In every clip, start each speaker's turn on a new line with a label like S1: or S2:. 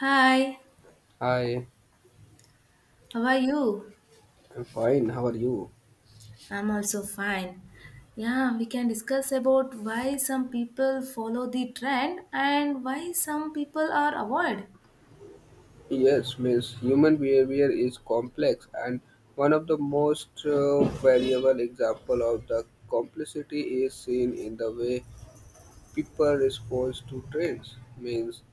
S1: Hi,
S2: Hi,
S1: how are you?
S2: I'm fine. How are you?
S1: I'm also fine. Yeah, we can discuss about why some people follow the trend and why some people are avoid.
S2: Yes, miss. Human behavior is complex, and one of the most variable example of the complexity is seen in the way people respond to trends. Means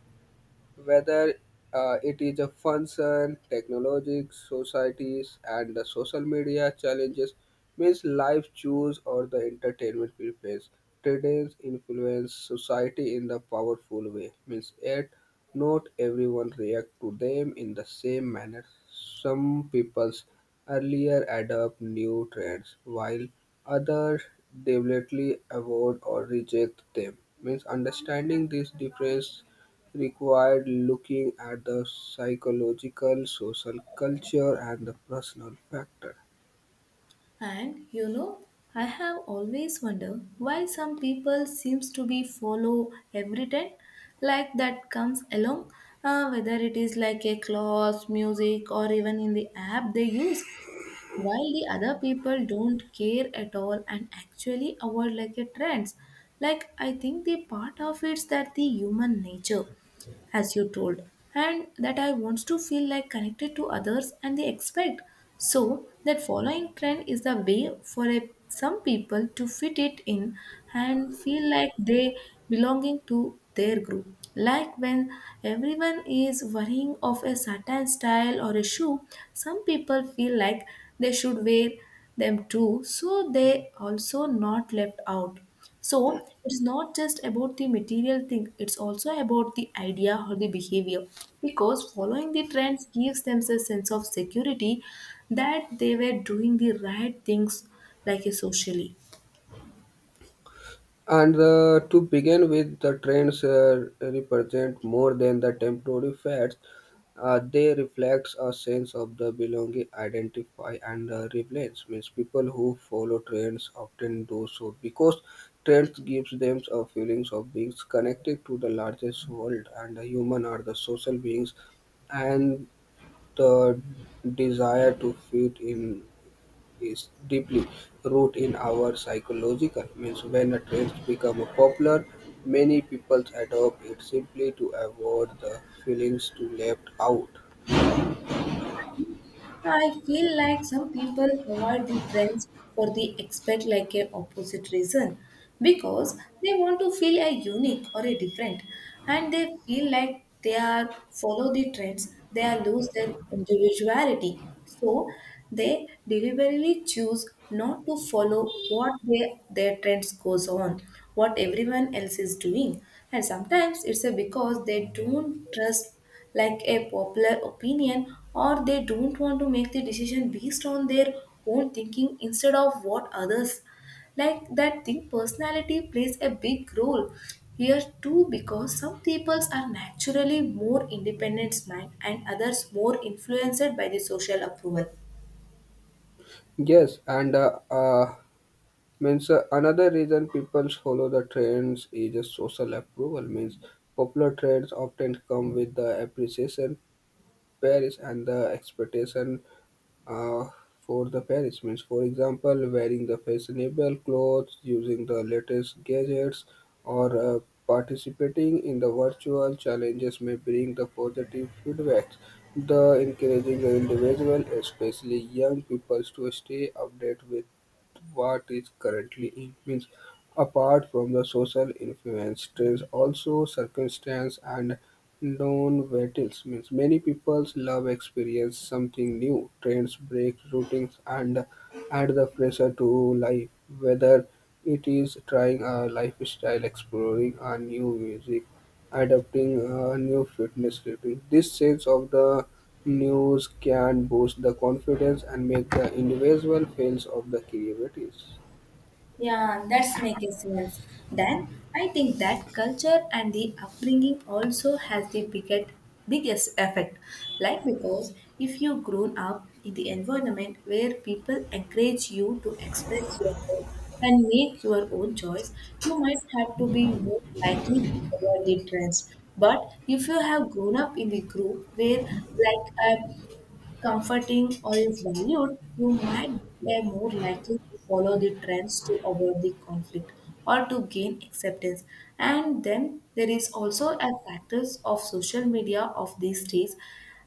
S2: whether it is a function, technologies, societies, and the social media challenges, means life choose or the entertainment preference. Trends influence society in the powerful way, means yet not everyone react to them in the same manner. Some people's earlier adopt new trends, while others deliberately avoid or reject them. Means understanding this difference required looking at the psychological, social culture, and the personal factor.
S1: And you know, I have always wondered why some people seems to be follow every trend like that comes along, whether it is like a cloth, music, or even in the app they use, while the other people don't care at all and actually avoid like a trends. Like I think the part of it's that the human nature, as you told, and that I wants to feel like connected to others and they expect, so that following trend is the way for a, some people to fit it in and feel like they belonging to their group, like when everyone is wearing of a certain style or a shoe, some people feel like they should wear them too, so they also not left out. So it's not just about the material thing, it's also about the idea or the behavior, because following the trends gives them a sense of security that they were doing the right things, like a socially.
S2: And to begin with, the trends represent more than the temporary fads. They reflect a sense of the belonging, identify, and relevance. Means people who follow trends often do so because trends gives them a feelings of being connected to the largest world, and the human are the social beings, and the desire to fit in is deeply rooted in our psychological. Means when a trend becomes popular, many people adopt it simply to avoid the feelings to left out.
S1: I feel like some people avoid the trends for the expect like a opposite reason, because they want to feel a unique or a different, and they feel like they are follow the trends they are lose their individuality, so they deliberately choose not to follow what they, their trends goes on, what everyone else is doing. And sometimes it's a because they don't trust like a popular opinion, or they don't want to make the decision based on their own thinking instead of what others like that think. Personality plays a big role here too, because some peoples are naturally more independent mind and others more influenced by the social approval.
S2: Yes, and means another reason people follow the trends is a social approval. Means popular trends often come with the appreciation, praise, and the expectation uh, for the parishments. For example, wearing the fashionable clothes, using the latest gadgets, or participating in the virtual challenges may bring the positive feedback. The encouraging the individual, especially young people, to stay updated with what is currently in means apart from the social influence trends also circumstance and non-vitals means many people love experience something new, trends, break routines and add the pressure to life, whether it is trying a lifestyle, exploring a new music, adopting a new fitness routine. This sense of the news can boost the confidence and make the individual feels of the creativities.
S1: Yeah, that's making sense. Then I think that culture and the upbringing also has the biggest effect. Like because if you grown up in the environment where people encourage you to express yourself and make your own choice, you might have to be more likely to follow the trends. But if you have grown up in the group where like a comforting or is valued, you might be more likely to follow the trends to avoid the conflict or to gain acceptance. And then there is also a factors of social media of these days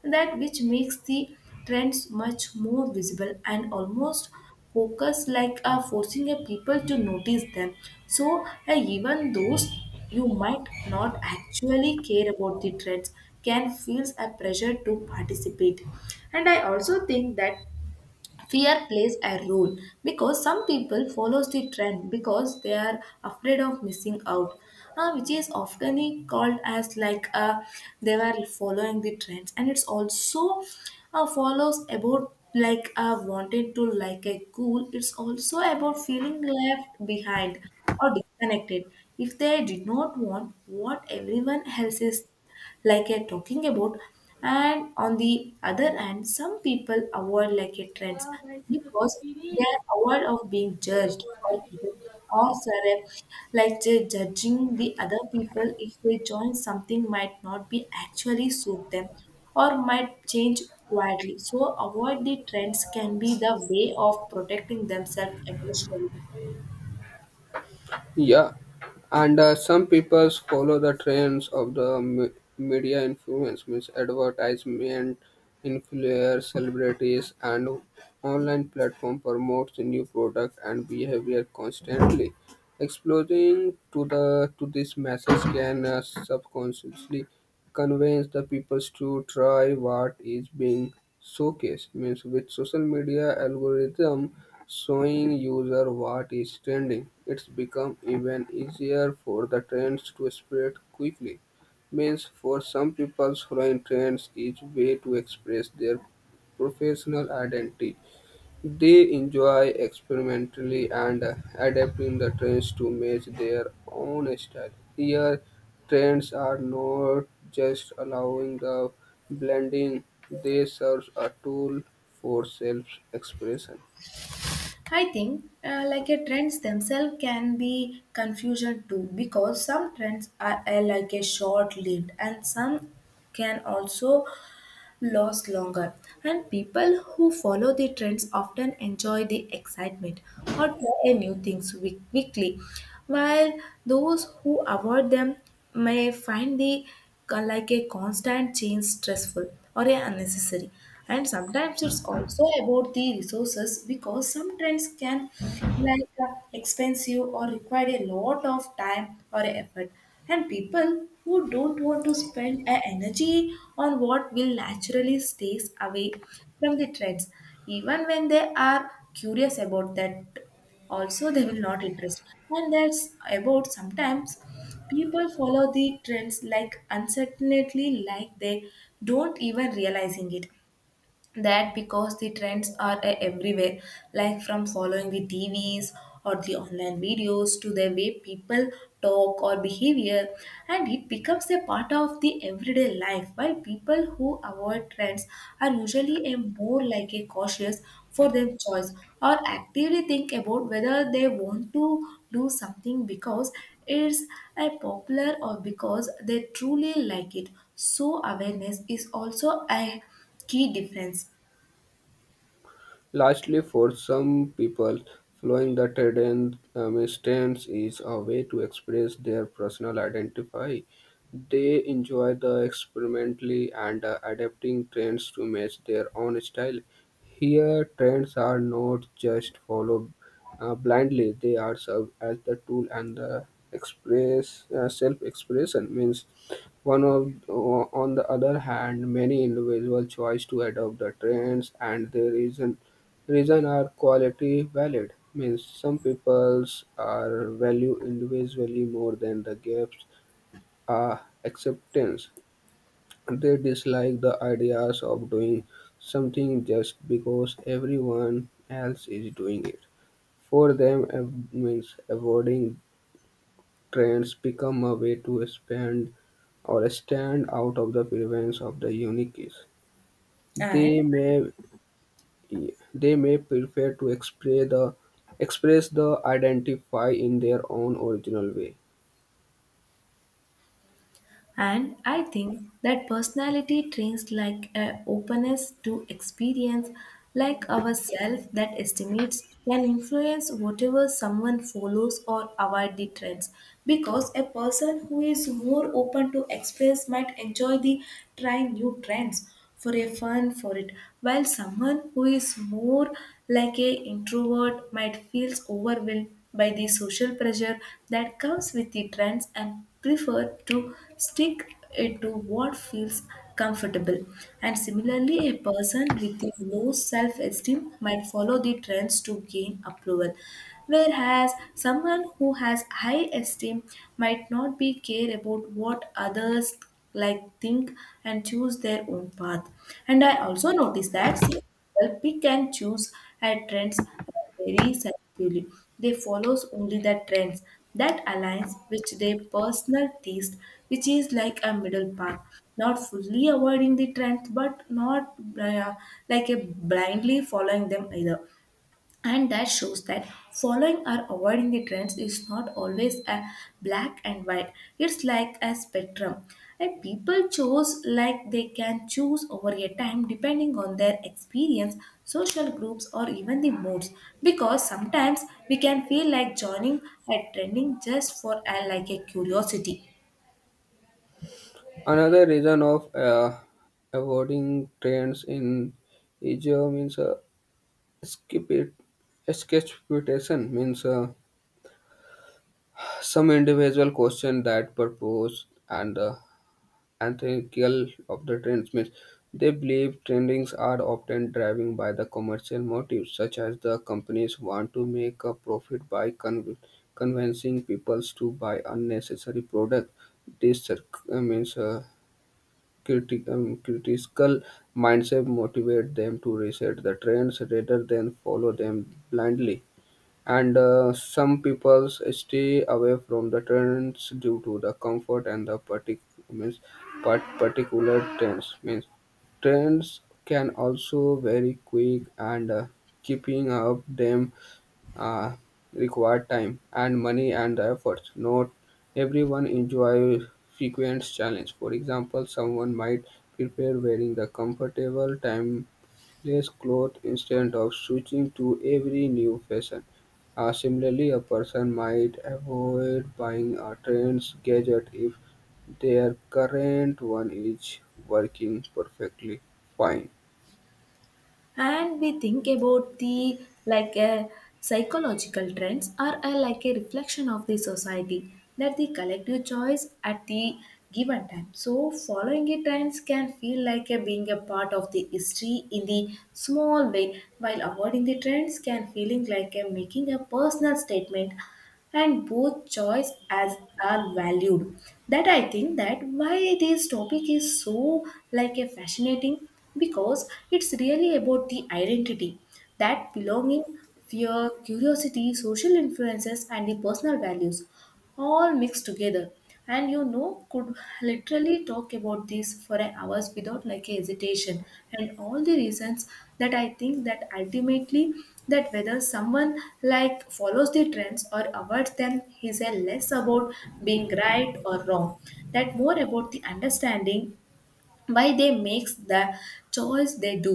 S1: that which makes the trends much more visible and almost focus like forcing a people to notice them, so even those you might not actually care about the trends can feel a pressure to participate. And I also think that fear plays a role because some people follows the trend because they are afraid of missing out, which is often called as like they were following the trends, and it's also follows about like wanted to like a cool, it's also about feeling left behind or disconnected if they did not want what everyone else is like a talking about. And on the other hand, some people avoid like a trends because they are aware of being judged, or or sorry, like judging the other people if they join something might not be actually suit them or might change quietly, so avoid the trends can be the way of protecting themselves emotionally.
S2: Yeah, and some people follow the trends of the media influence, means advertisement, influencers, celebrities, and online platform promotes new product and behavior constantly. Exposing to the to this message can subconsciously convince the people to try what is being showcased means with social media algorithm showing user what is trending it's become even easier for the trends to spread quickly means for some people following trends is way to express their professional identity they enjoy experimentally and adapting the trends to match their own style. Here, trends are not just allowing the blending, they serve a tool for self expression.
S1: I think like a trends themselves can be confusion too, because some trends are, like a short lived, and some can also last longer, and people who follow the trends often enjoy the excitement or try new things quickly, while those who avoid them may find the like a constant change stressful or a unnecessary. And sometimes it's also about the resources, because some trends can like expensive or require a lot of time or effort, and people who don't want to spend a energy on what will naturally stays away from the trends even when they are curious about that, also they will not interest. And that's about sometimes people follow the trends like uncertainly, like they don't even realizing it, that because the trends are everywhere, like from following the tvs or the online videos to the way people talk or behavior, and it becomes a part of the everyday life, while people who avoid trends are usually a more like a cautious for their choice, or actively think about whether they want to do something because it's a popular or because they truly like it. So awareness is also a key difference.
S2: Lastly, for some people, following the trend stance is a way to express their personal identify. They enjoy the experimentally and adapting trends to match their own style. Here, trends are not just followed blindly; they are served as the tool and the express self-expression means on the other hand many individuals choose to adopt the trends and there is an reason are quality valid means some peoples are value individually more than the gap's are acceptance. They dislike the ideas of doing something just because everyone else is doing it. For them, means avoiding trends become a way to expand or stand out of the prevalence of the uniqueness. They
S1: and
S2: may They may prefer to express the identify in their own original way.
S1: and I think that personality traits like a openness to experience like ourself that estimates can influence whatever someone follows or avoid the trends, because a person who is more open to express might enjoy the trying new trends for a fun for it, while someone who is more like a introvert might feel overwhelmed by the social pressure that comes with the trends and prefer to stick it to what feels comfortable. And similarly, a person with a low self-esteem might follow the trends to gain approval, whereas someone who has high esteem might not be care about what others like think, and choose their own path. And I also noticed that some people pick and choose at trends very selectively, they follows only the trends that aligns with their personal taste, which is like a middle path, not fully avoiding the trends but not uh, like a blindly following them either. And that shows that following or avoiding the trends is not always a black and white, it's like a spectrum, and people choose like they can choose over a time depending on their experience, social groups or even the moods, because sometimes we can feel like joining a trending just for a, like a curiosity.
S2: Another reason of avoiding trends in Asia means skip it. Sketch means some individual question that purpose and antithetical of the trends means they believe trendings are often driven by the commercial motives such as the companies want to make a profit by convincing people to buy unnecessary products. This means critical mindset motivate them to reset the trends rather than follow them blindly. And some people stay away from the trends due to the comfort and the means particular trends means trends can also very quick and keeping up them uh, require time and money and efforts. Not everyone enjoy frequent challenge. For example, someone might prepare wearing the comfortable time less clothes instead of switching to every new fashion. Similarly, a person might avoid buying a trends gadget if their current one is working perfectly fine.
S1: And we think about the like a psychological trends are a, like a reflection of the society, that the collective choice at the given time, so following the trends can feel like a, being a part of the history in the small way, while avoiding the trends can feeling like a, making a personal statement. And both choice as are valued. That I think that why this topic is so like a fascinating, because it's really about the identity, that belonging, fear, curiosity, social influences and the personal values all mixed together. And you know could literally talk about this for an hours without like a hesitation and all the reasons, that I think that ultimately, that whether someone like follows the trends or avoids them is a less about being right or wrong, that more about the understanding why they makes the choice they do,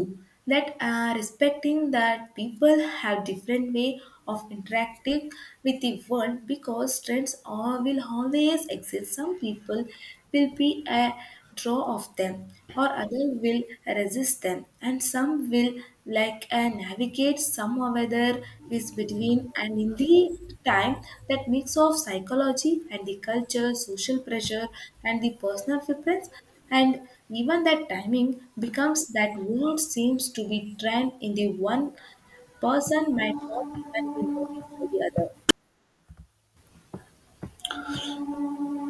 S1: that respecting that people have different way of interacting with the world, because trends are, will always exist, some people will be a draw of them, or other will resist them, and some will like navigate some or other is between, and in the time, that mix of psychology and the culture, social pressure and the personal preference, and even that timing becomes that what seems to be trend in the one person might not even be noticed by the other.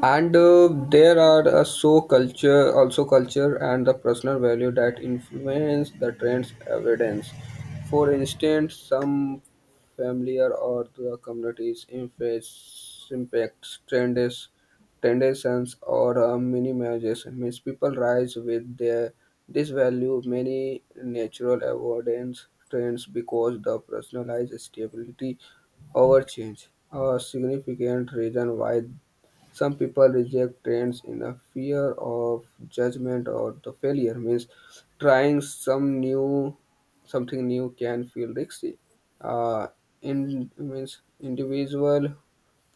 S2: And there are so culture also culture and the personal value that influence the trends evidence. For instance, some familiar or the communities influence impacts trends tendencies or minimizes means people rise with their this value many natural avoidance trends because the personalized stability over change a significant reason why some people reject trends in a fear of judgment or the failure means trying something new can feel risky. Uh, in means individual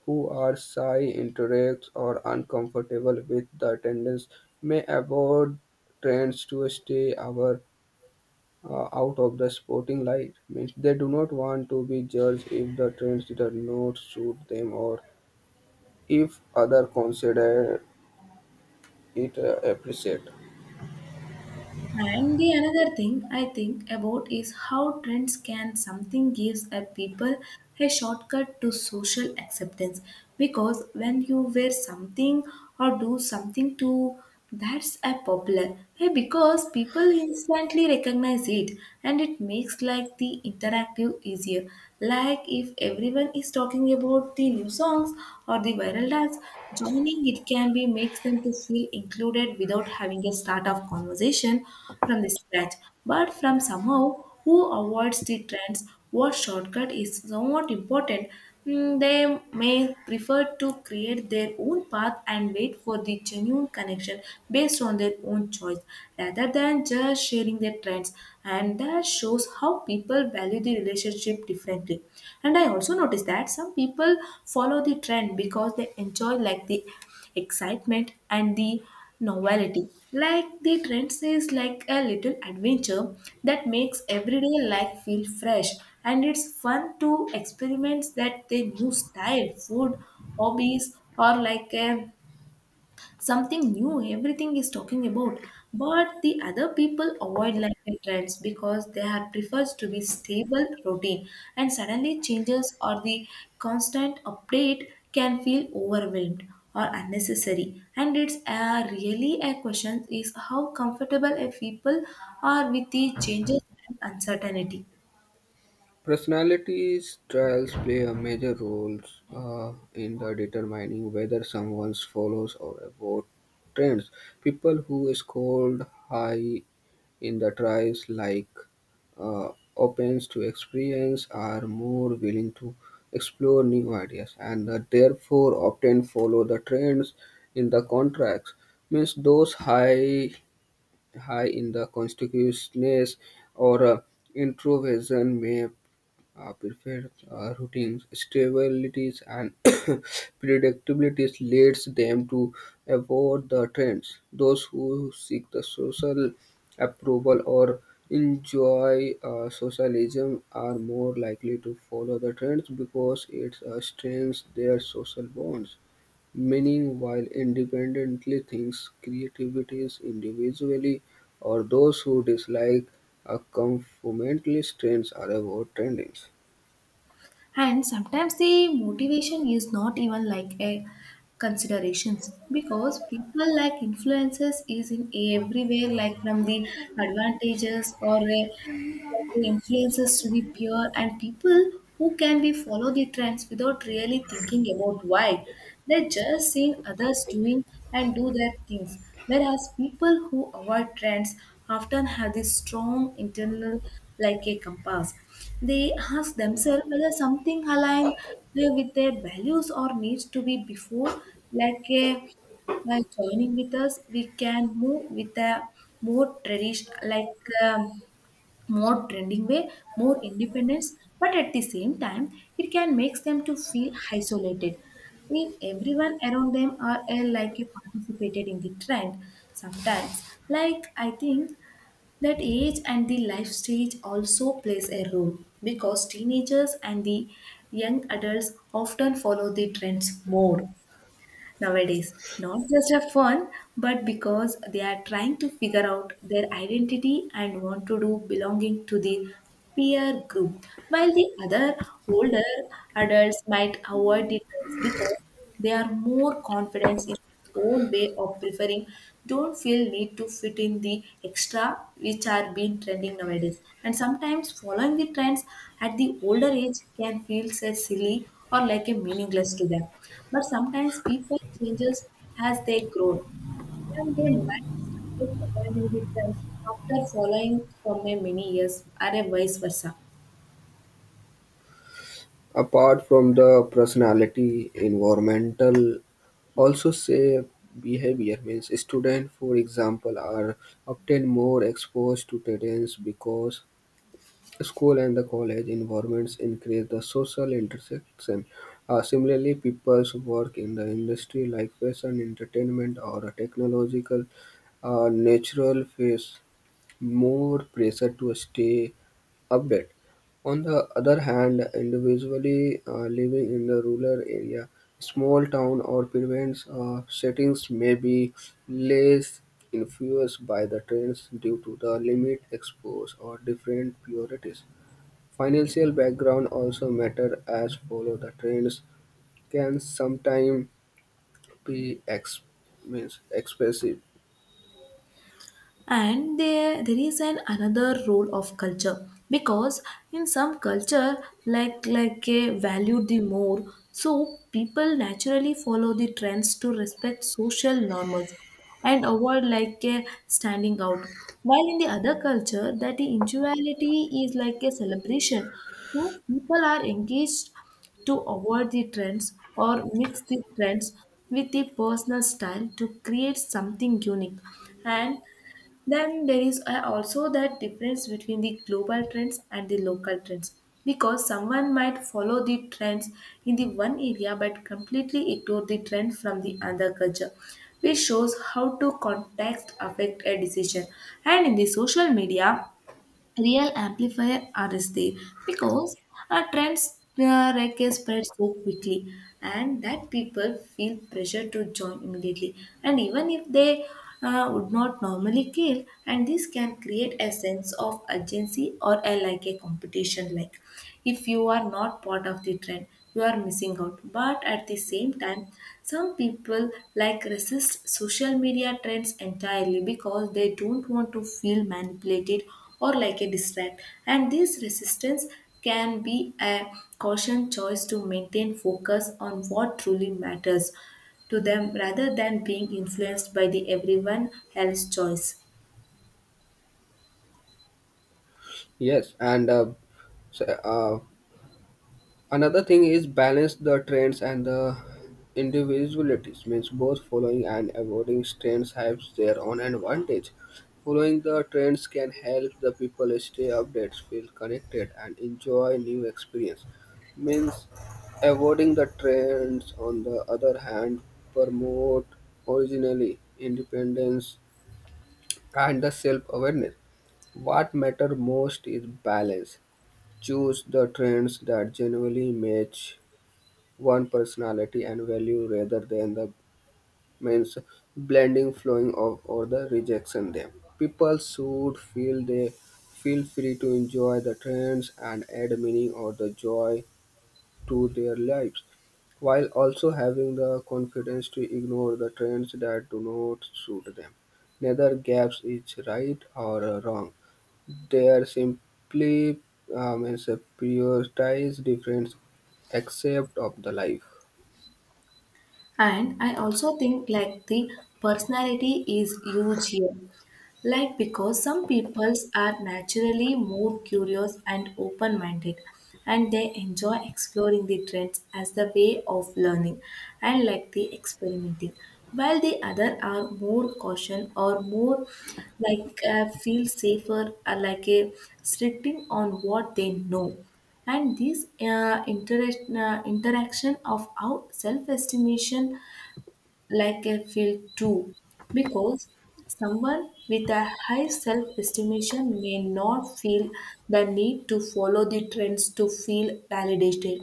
S2: who are shy, interact or uncomfortable with the attendance may avoid trends to stay our out of the sporting light means they do not want to be judged if the trends do not suit them or if other consider it appreciate.
S1: And the another thing I think about is how trends can something gives a people a shortcut to social acceptance, because when you wear something or do something to that's a popular, hey, because people instantly recognize it, and it makes like the interactive easier. Like if everyone is talking about the new songs or the viral dance, joining it can be makes them to feel included without having a start of conversation from the scratch. But from somehow who avoids the trends, what shortcut is somewhat important. Mm, they may prefer to create their own path and wait for the genuine connection based on their own choice rather than just sharing their trends. And that shows how people value the relationship differently. And I also noticed that some people follow the trend because they enjoy like the excitement and the novelty, like the trend says like a little adventure that makes everyday life feel fresh, and it's fun to experiment that the new style, food, hobbies, or like a something new everything is talking about. But the other people avoid like trends because they have prefers to be stable routine, and suddenly changes or the constant update can feel overwhelmed or unnecessary, and it's a really a question is how comfortable a people are with the changes and uncertainty.
S2: Personalities trials play a major role in the determining whether someone follows or avoid trends. People who scored high in the trials, like uh, opens to experience, are more willing to explore new ideas and therefore often follow the trends in the contracts. Means those high in the conspicuousness or introversion may prefer routines. Stabilities and predictabilities leads them to avoid the trends. Those who seek the social approval or enjoy socialism are more likely to follow the trends because it strengthens their social bonds. Meaning, while independently thinks, creativity is individually or those who dislike a conformantly strains are about trendings.
S1: And sometimes the motivation is not even like a considerations, because people like influences is in everywhere, like from the advantages or a the influences to the peer, and people who can be follow the trends without really thinking about why, they just seen others doing and do their things. Whereas people who avoid trends often have this strong internal like a compass. They ask themselves whether something aligns with their values or needs to be before like a by joining with us, we can move with a more tradition like um, more trending way, more independence, but at the same time, it can make them to feel isolated. If everyone around them are like you participated in the trend, sometimes, like I think that age and the life stage also plays a role because teenagers and the young adults often follow the trends more nowadays, not just for fun, but because they are trying to figure out their identity and want to do belonging to the peer group, while the other older adults might avoid the trends because they are more confident in own way of preferring don't feel need to fit in the extra which are being trending nowadays, and sometimes following the trends at the older age can feel so silly or like a meaningless to them, but sometimes people changes as they grow and they might started avoiding the trends after following for many years or a vice versa.
S2: Apart from the personality, environmental also say behavior means students for example are often more exposed to trends because school and the college environments increase the social intersection. Similarly, people's work in the industry like fashion, entertainment, or a technological natural face more pressure to stay updated. On the other hand, individually living in the rural area, small town or province settings may be less influenced by the trends due to the limit exposed or different priorities. Financial background also matter as follow the trends can sometimes be means expensive.
S1: And there is an another role of culture, because in some culture like a value the more, so people naturally follow the trends to respect social norms and avoid like a standing out, while in the other culture that the individuality is like a celebration, so people are engaged to avoid the trends or mix the trends with the personal style to create something unique. And then there is also that difference between the global trends and the local trends, because someone might follow the trends in the one area but completely ignore the trend from the other culture, which shows how to context affect a decision. And in the social media, real amplifier are is there, because our trends spread so quickly and that people feel pressure to join immediately and even if they would not normally care, and this can create a sense of urgency or a like a competition. Like, if you are not part of the trend, you are missing out, but at the same time some people like resist social media trends entirely because they don't want to feel manipulated or like a distract. And this resistance can be a caution choice to maintain focus on what truly matters to them rather than being influenced by the everyone else choice.
S2: Yes, and so, uh, another thing is balance the trends and the individualities. Means both following and avoiding trends have their own advantage. Following the trends can help the people stay updated, feel connected, and enjoy new experience. Means avoiding the trends, on the other hand, promote originally independence and the self-awareness. What matter most is balance. Choose the trends that genuinely match one personality and value rather than the means blending flowing of or the rejection them. People should feel they feel free to enjoy the trends and add meaning or the joy to their lives while also having the confidence to ignore the trends that do not suit them. Neither gaps is right or wrong, they are simply means prioritize different accept of the life.
S1: And I also think like the personality is huge here. Like, because some peoples are naturally more curious and open minded, and they enjoy exploring the trends as the way of learning and like the experimenting, while the other are more caution or more like feel safer or like a restricting on what they know. And this interaction of our self-estimation, like I feel too, because someone with a high self estimation may not feel the need to follow the trends to feel validated,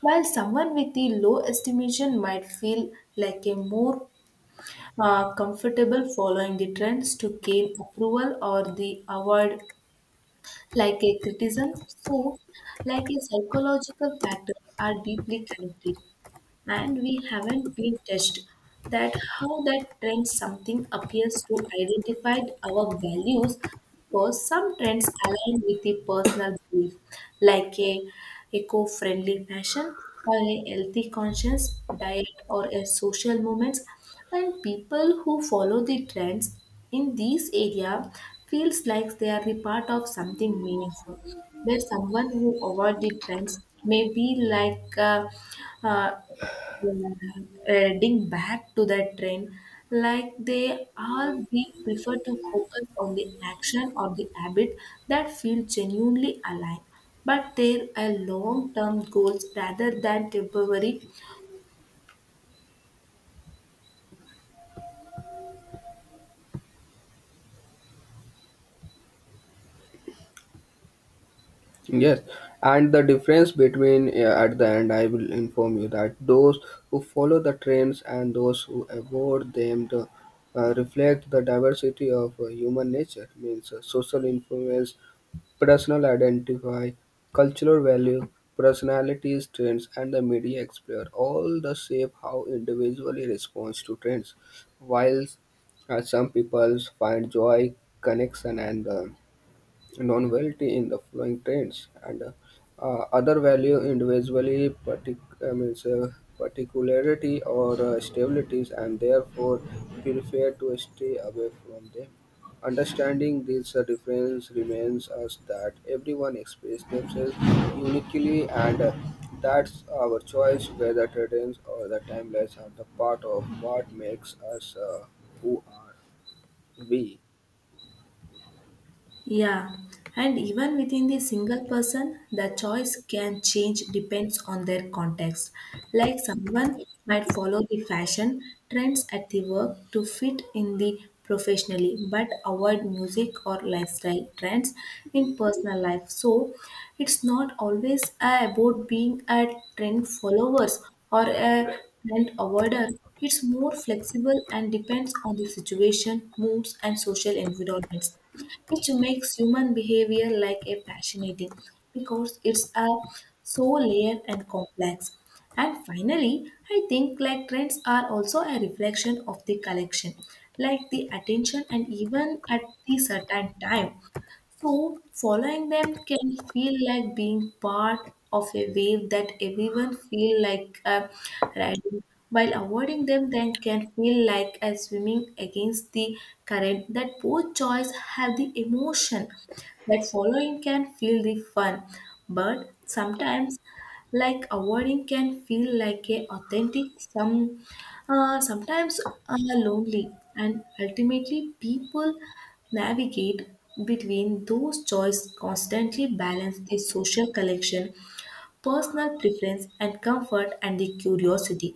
S1: while someone with the low estimation might feel like a more comfortable following the trends to gain approval or the avoid like a criticism. So, like a psychological factor are deeply connected, and we haven't been tested that how that trend something appears to identify our values, because some trends align with the personal belief, like a eco-friendly fashion or a healthy conscious diet or a social movements, and people who follow the trends in these area feels like they are the part of something meaningful, where someone who avoid the trends may be like uh, yeah, heading back to the trend, like they all we prefer to focus on the action or the habit that feel genuinely aligned, but there are long-term goals rather than temporary.
S2: Yes, and the difference between at the end, I will inform you that those who follow the trends and those who avoid them the, reflect the diversity of human nature, means social influence, personal identify, cultural value, personalities, trends, and the media explore all the shape how individually responds to trends. While some people find joy, connection, and non-novelty in the flowing trends and other value individually particularity or stabilities and therefore prefer to stay away from them. Understanding this difference remains us that everyone expresses themselves uniquely and that's our choice whether trends or the timelines are the part of what makes us who are we.
S1: Yeah, and even within the single person, the choice can change depends on their context. Like someone might follow the fashion trends at the work to fit in the professionally, but avoid music or lifestyle trends in personal life. So it's not always about being a trend followers or a trend avoider. It's more flexible and depends on the situation, moods, and social environments, which makes human behavior like a fascinating because it's a so layered and complex. And finally, I think like trends are also a reflection of the collection, like the attention and even at the certain time. So, following them can feel like being part of a wave that everyone feel like riding, while avoiding them then can feel like a swimming against the current. That both choice have the emotion that following can feel the fun, but sometimes like avoiding can feel like a authentic some sometimes lonely, and ultimately people navigate between those choices constantly balance the social collection, personal preference and comfort and the curiosity,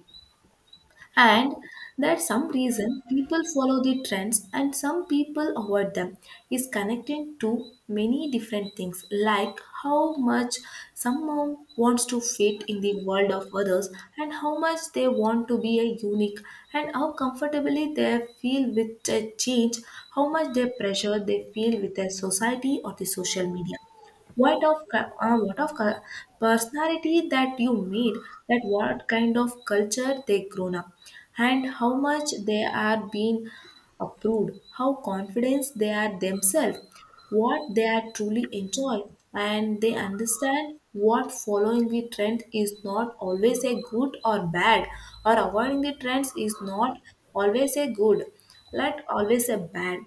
S1: and that some reason people follow the trends and some people avoid them is connected to many different things, like how much someone wants to fit in the world of others and how much they want to be a unique and how comfortably they feel with a change, how much they pressure they feel with their society or the social media, what of cu- personality that you meet, that what kind of culture they grown up and how much they are being approved, how confident they are themselves, what they are truly enjoy, and they understand what following the trend is not always a good or bad, or avoiding the trends is not always a good, not always a bad,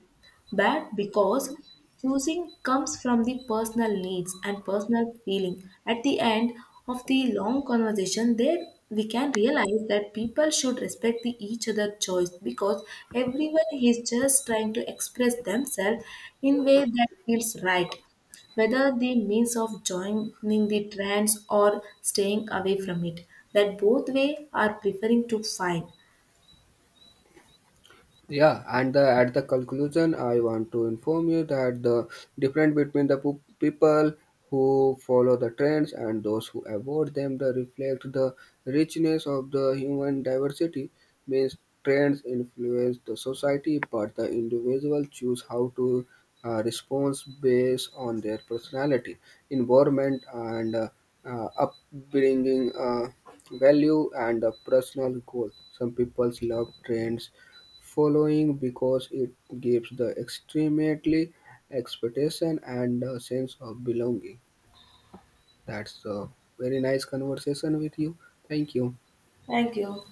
S1: but because choosing comes from the personal needs and personal feeling. At the end of the long conversation, there we can realize that people should respect the each other choice because everyone is just trying to express themselves in way that feels right, whether the means of joining the trends or staying away from it, that both way are preferring to find.
S2: Yeah, and the, at the conclusion, I want to inform you that the difference between the people who follow the trends and those who avoid them the reflect the richness of the human diversity means trends influence the society but the individual choose how to respond based on their personality environment and upbringing value and personal goals. Some people love trends following because it gives the extremely expectation and a sense of belonging. That's a very nice conversation with you. Thank you.
S1: Thank you.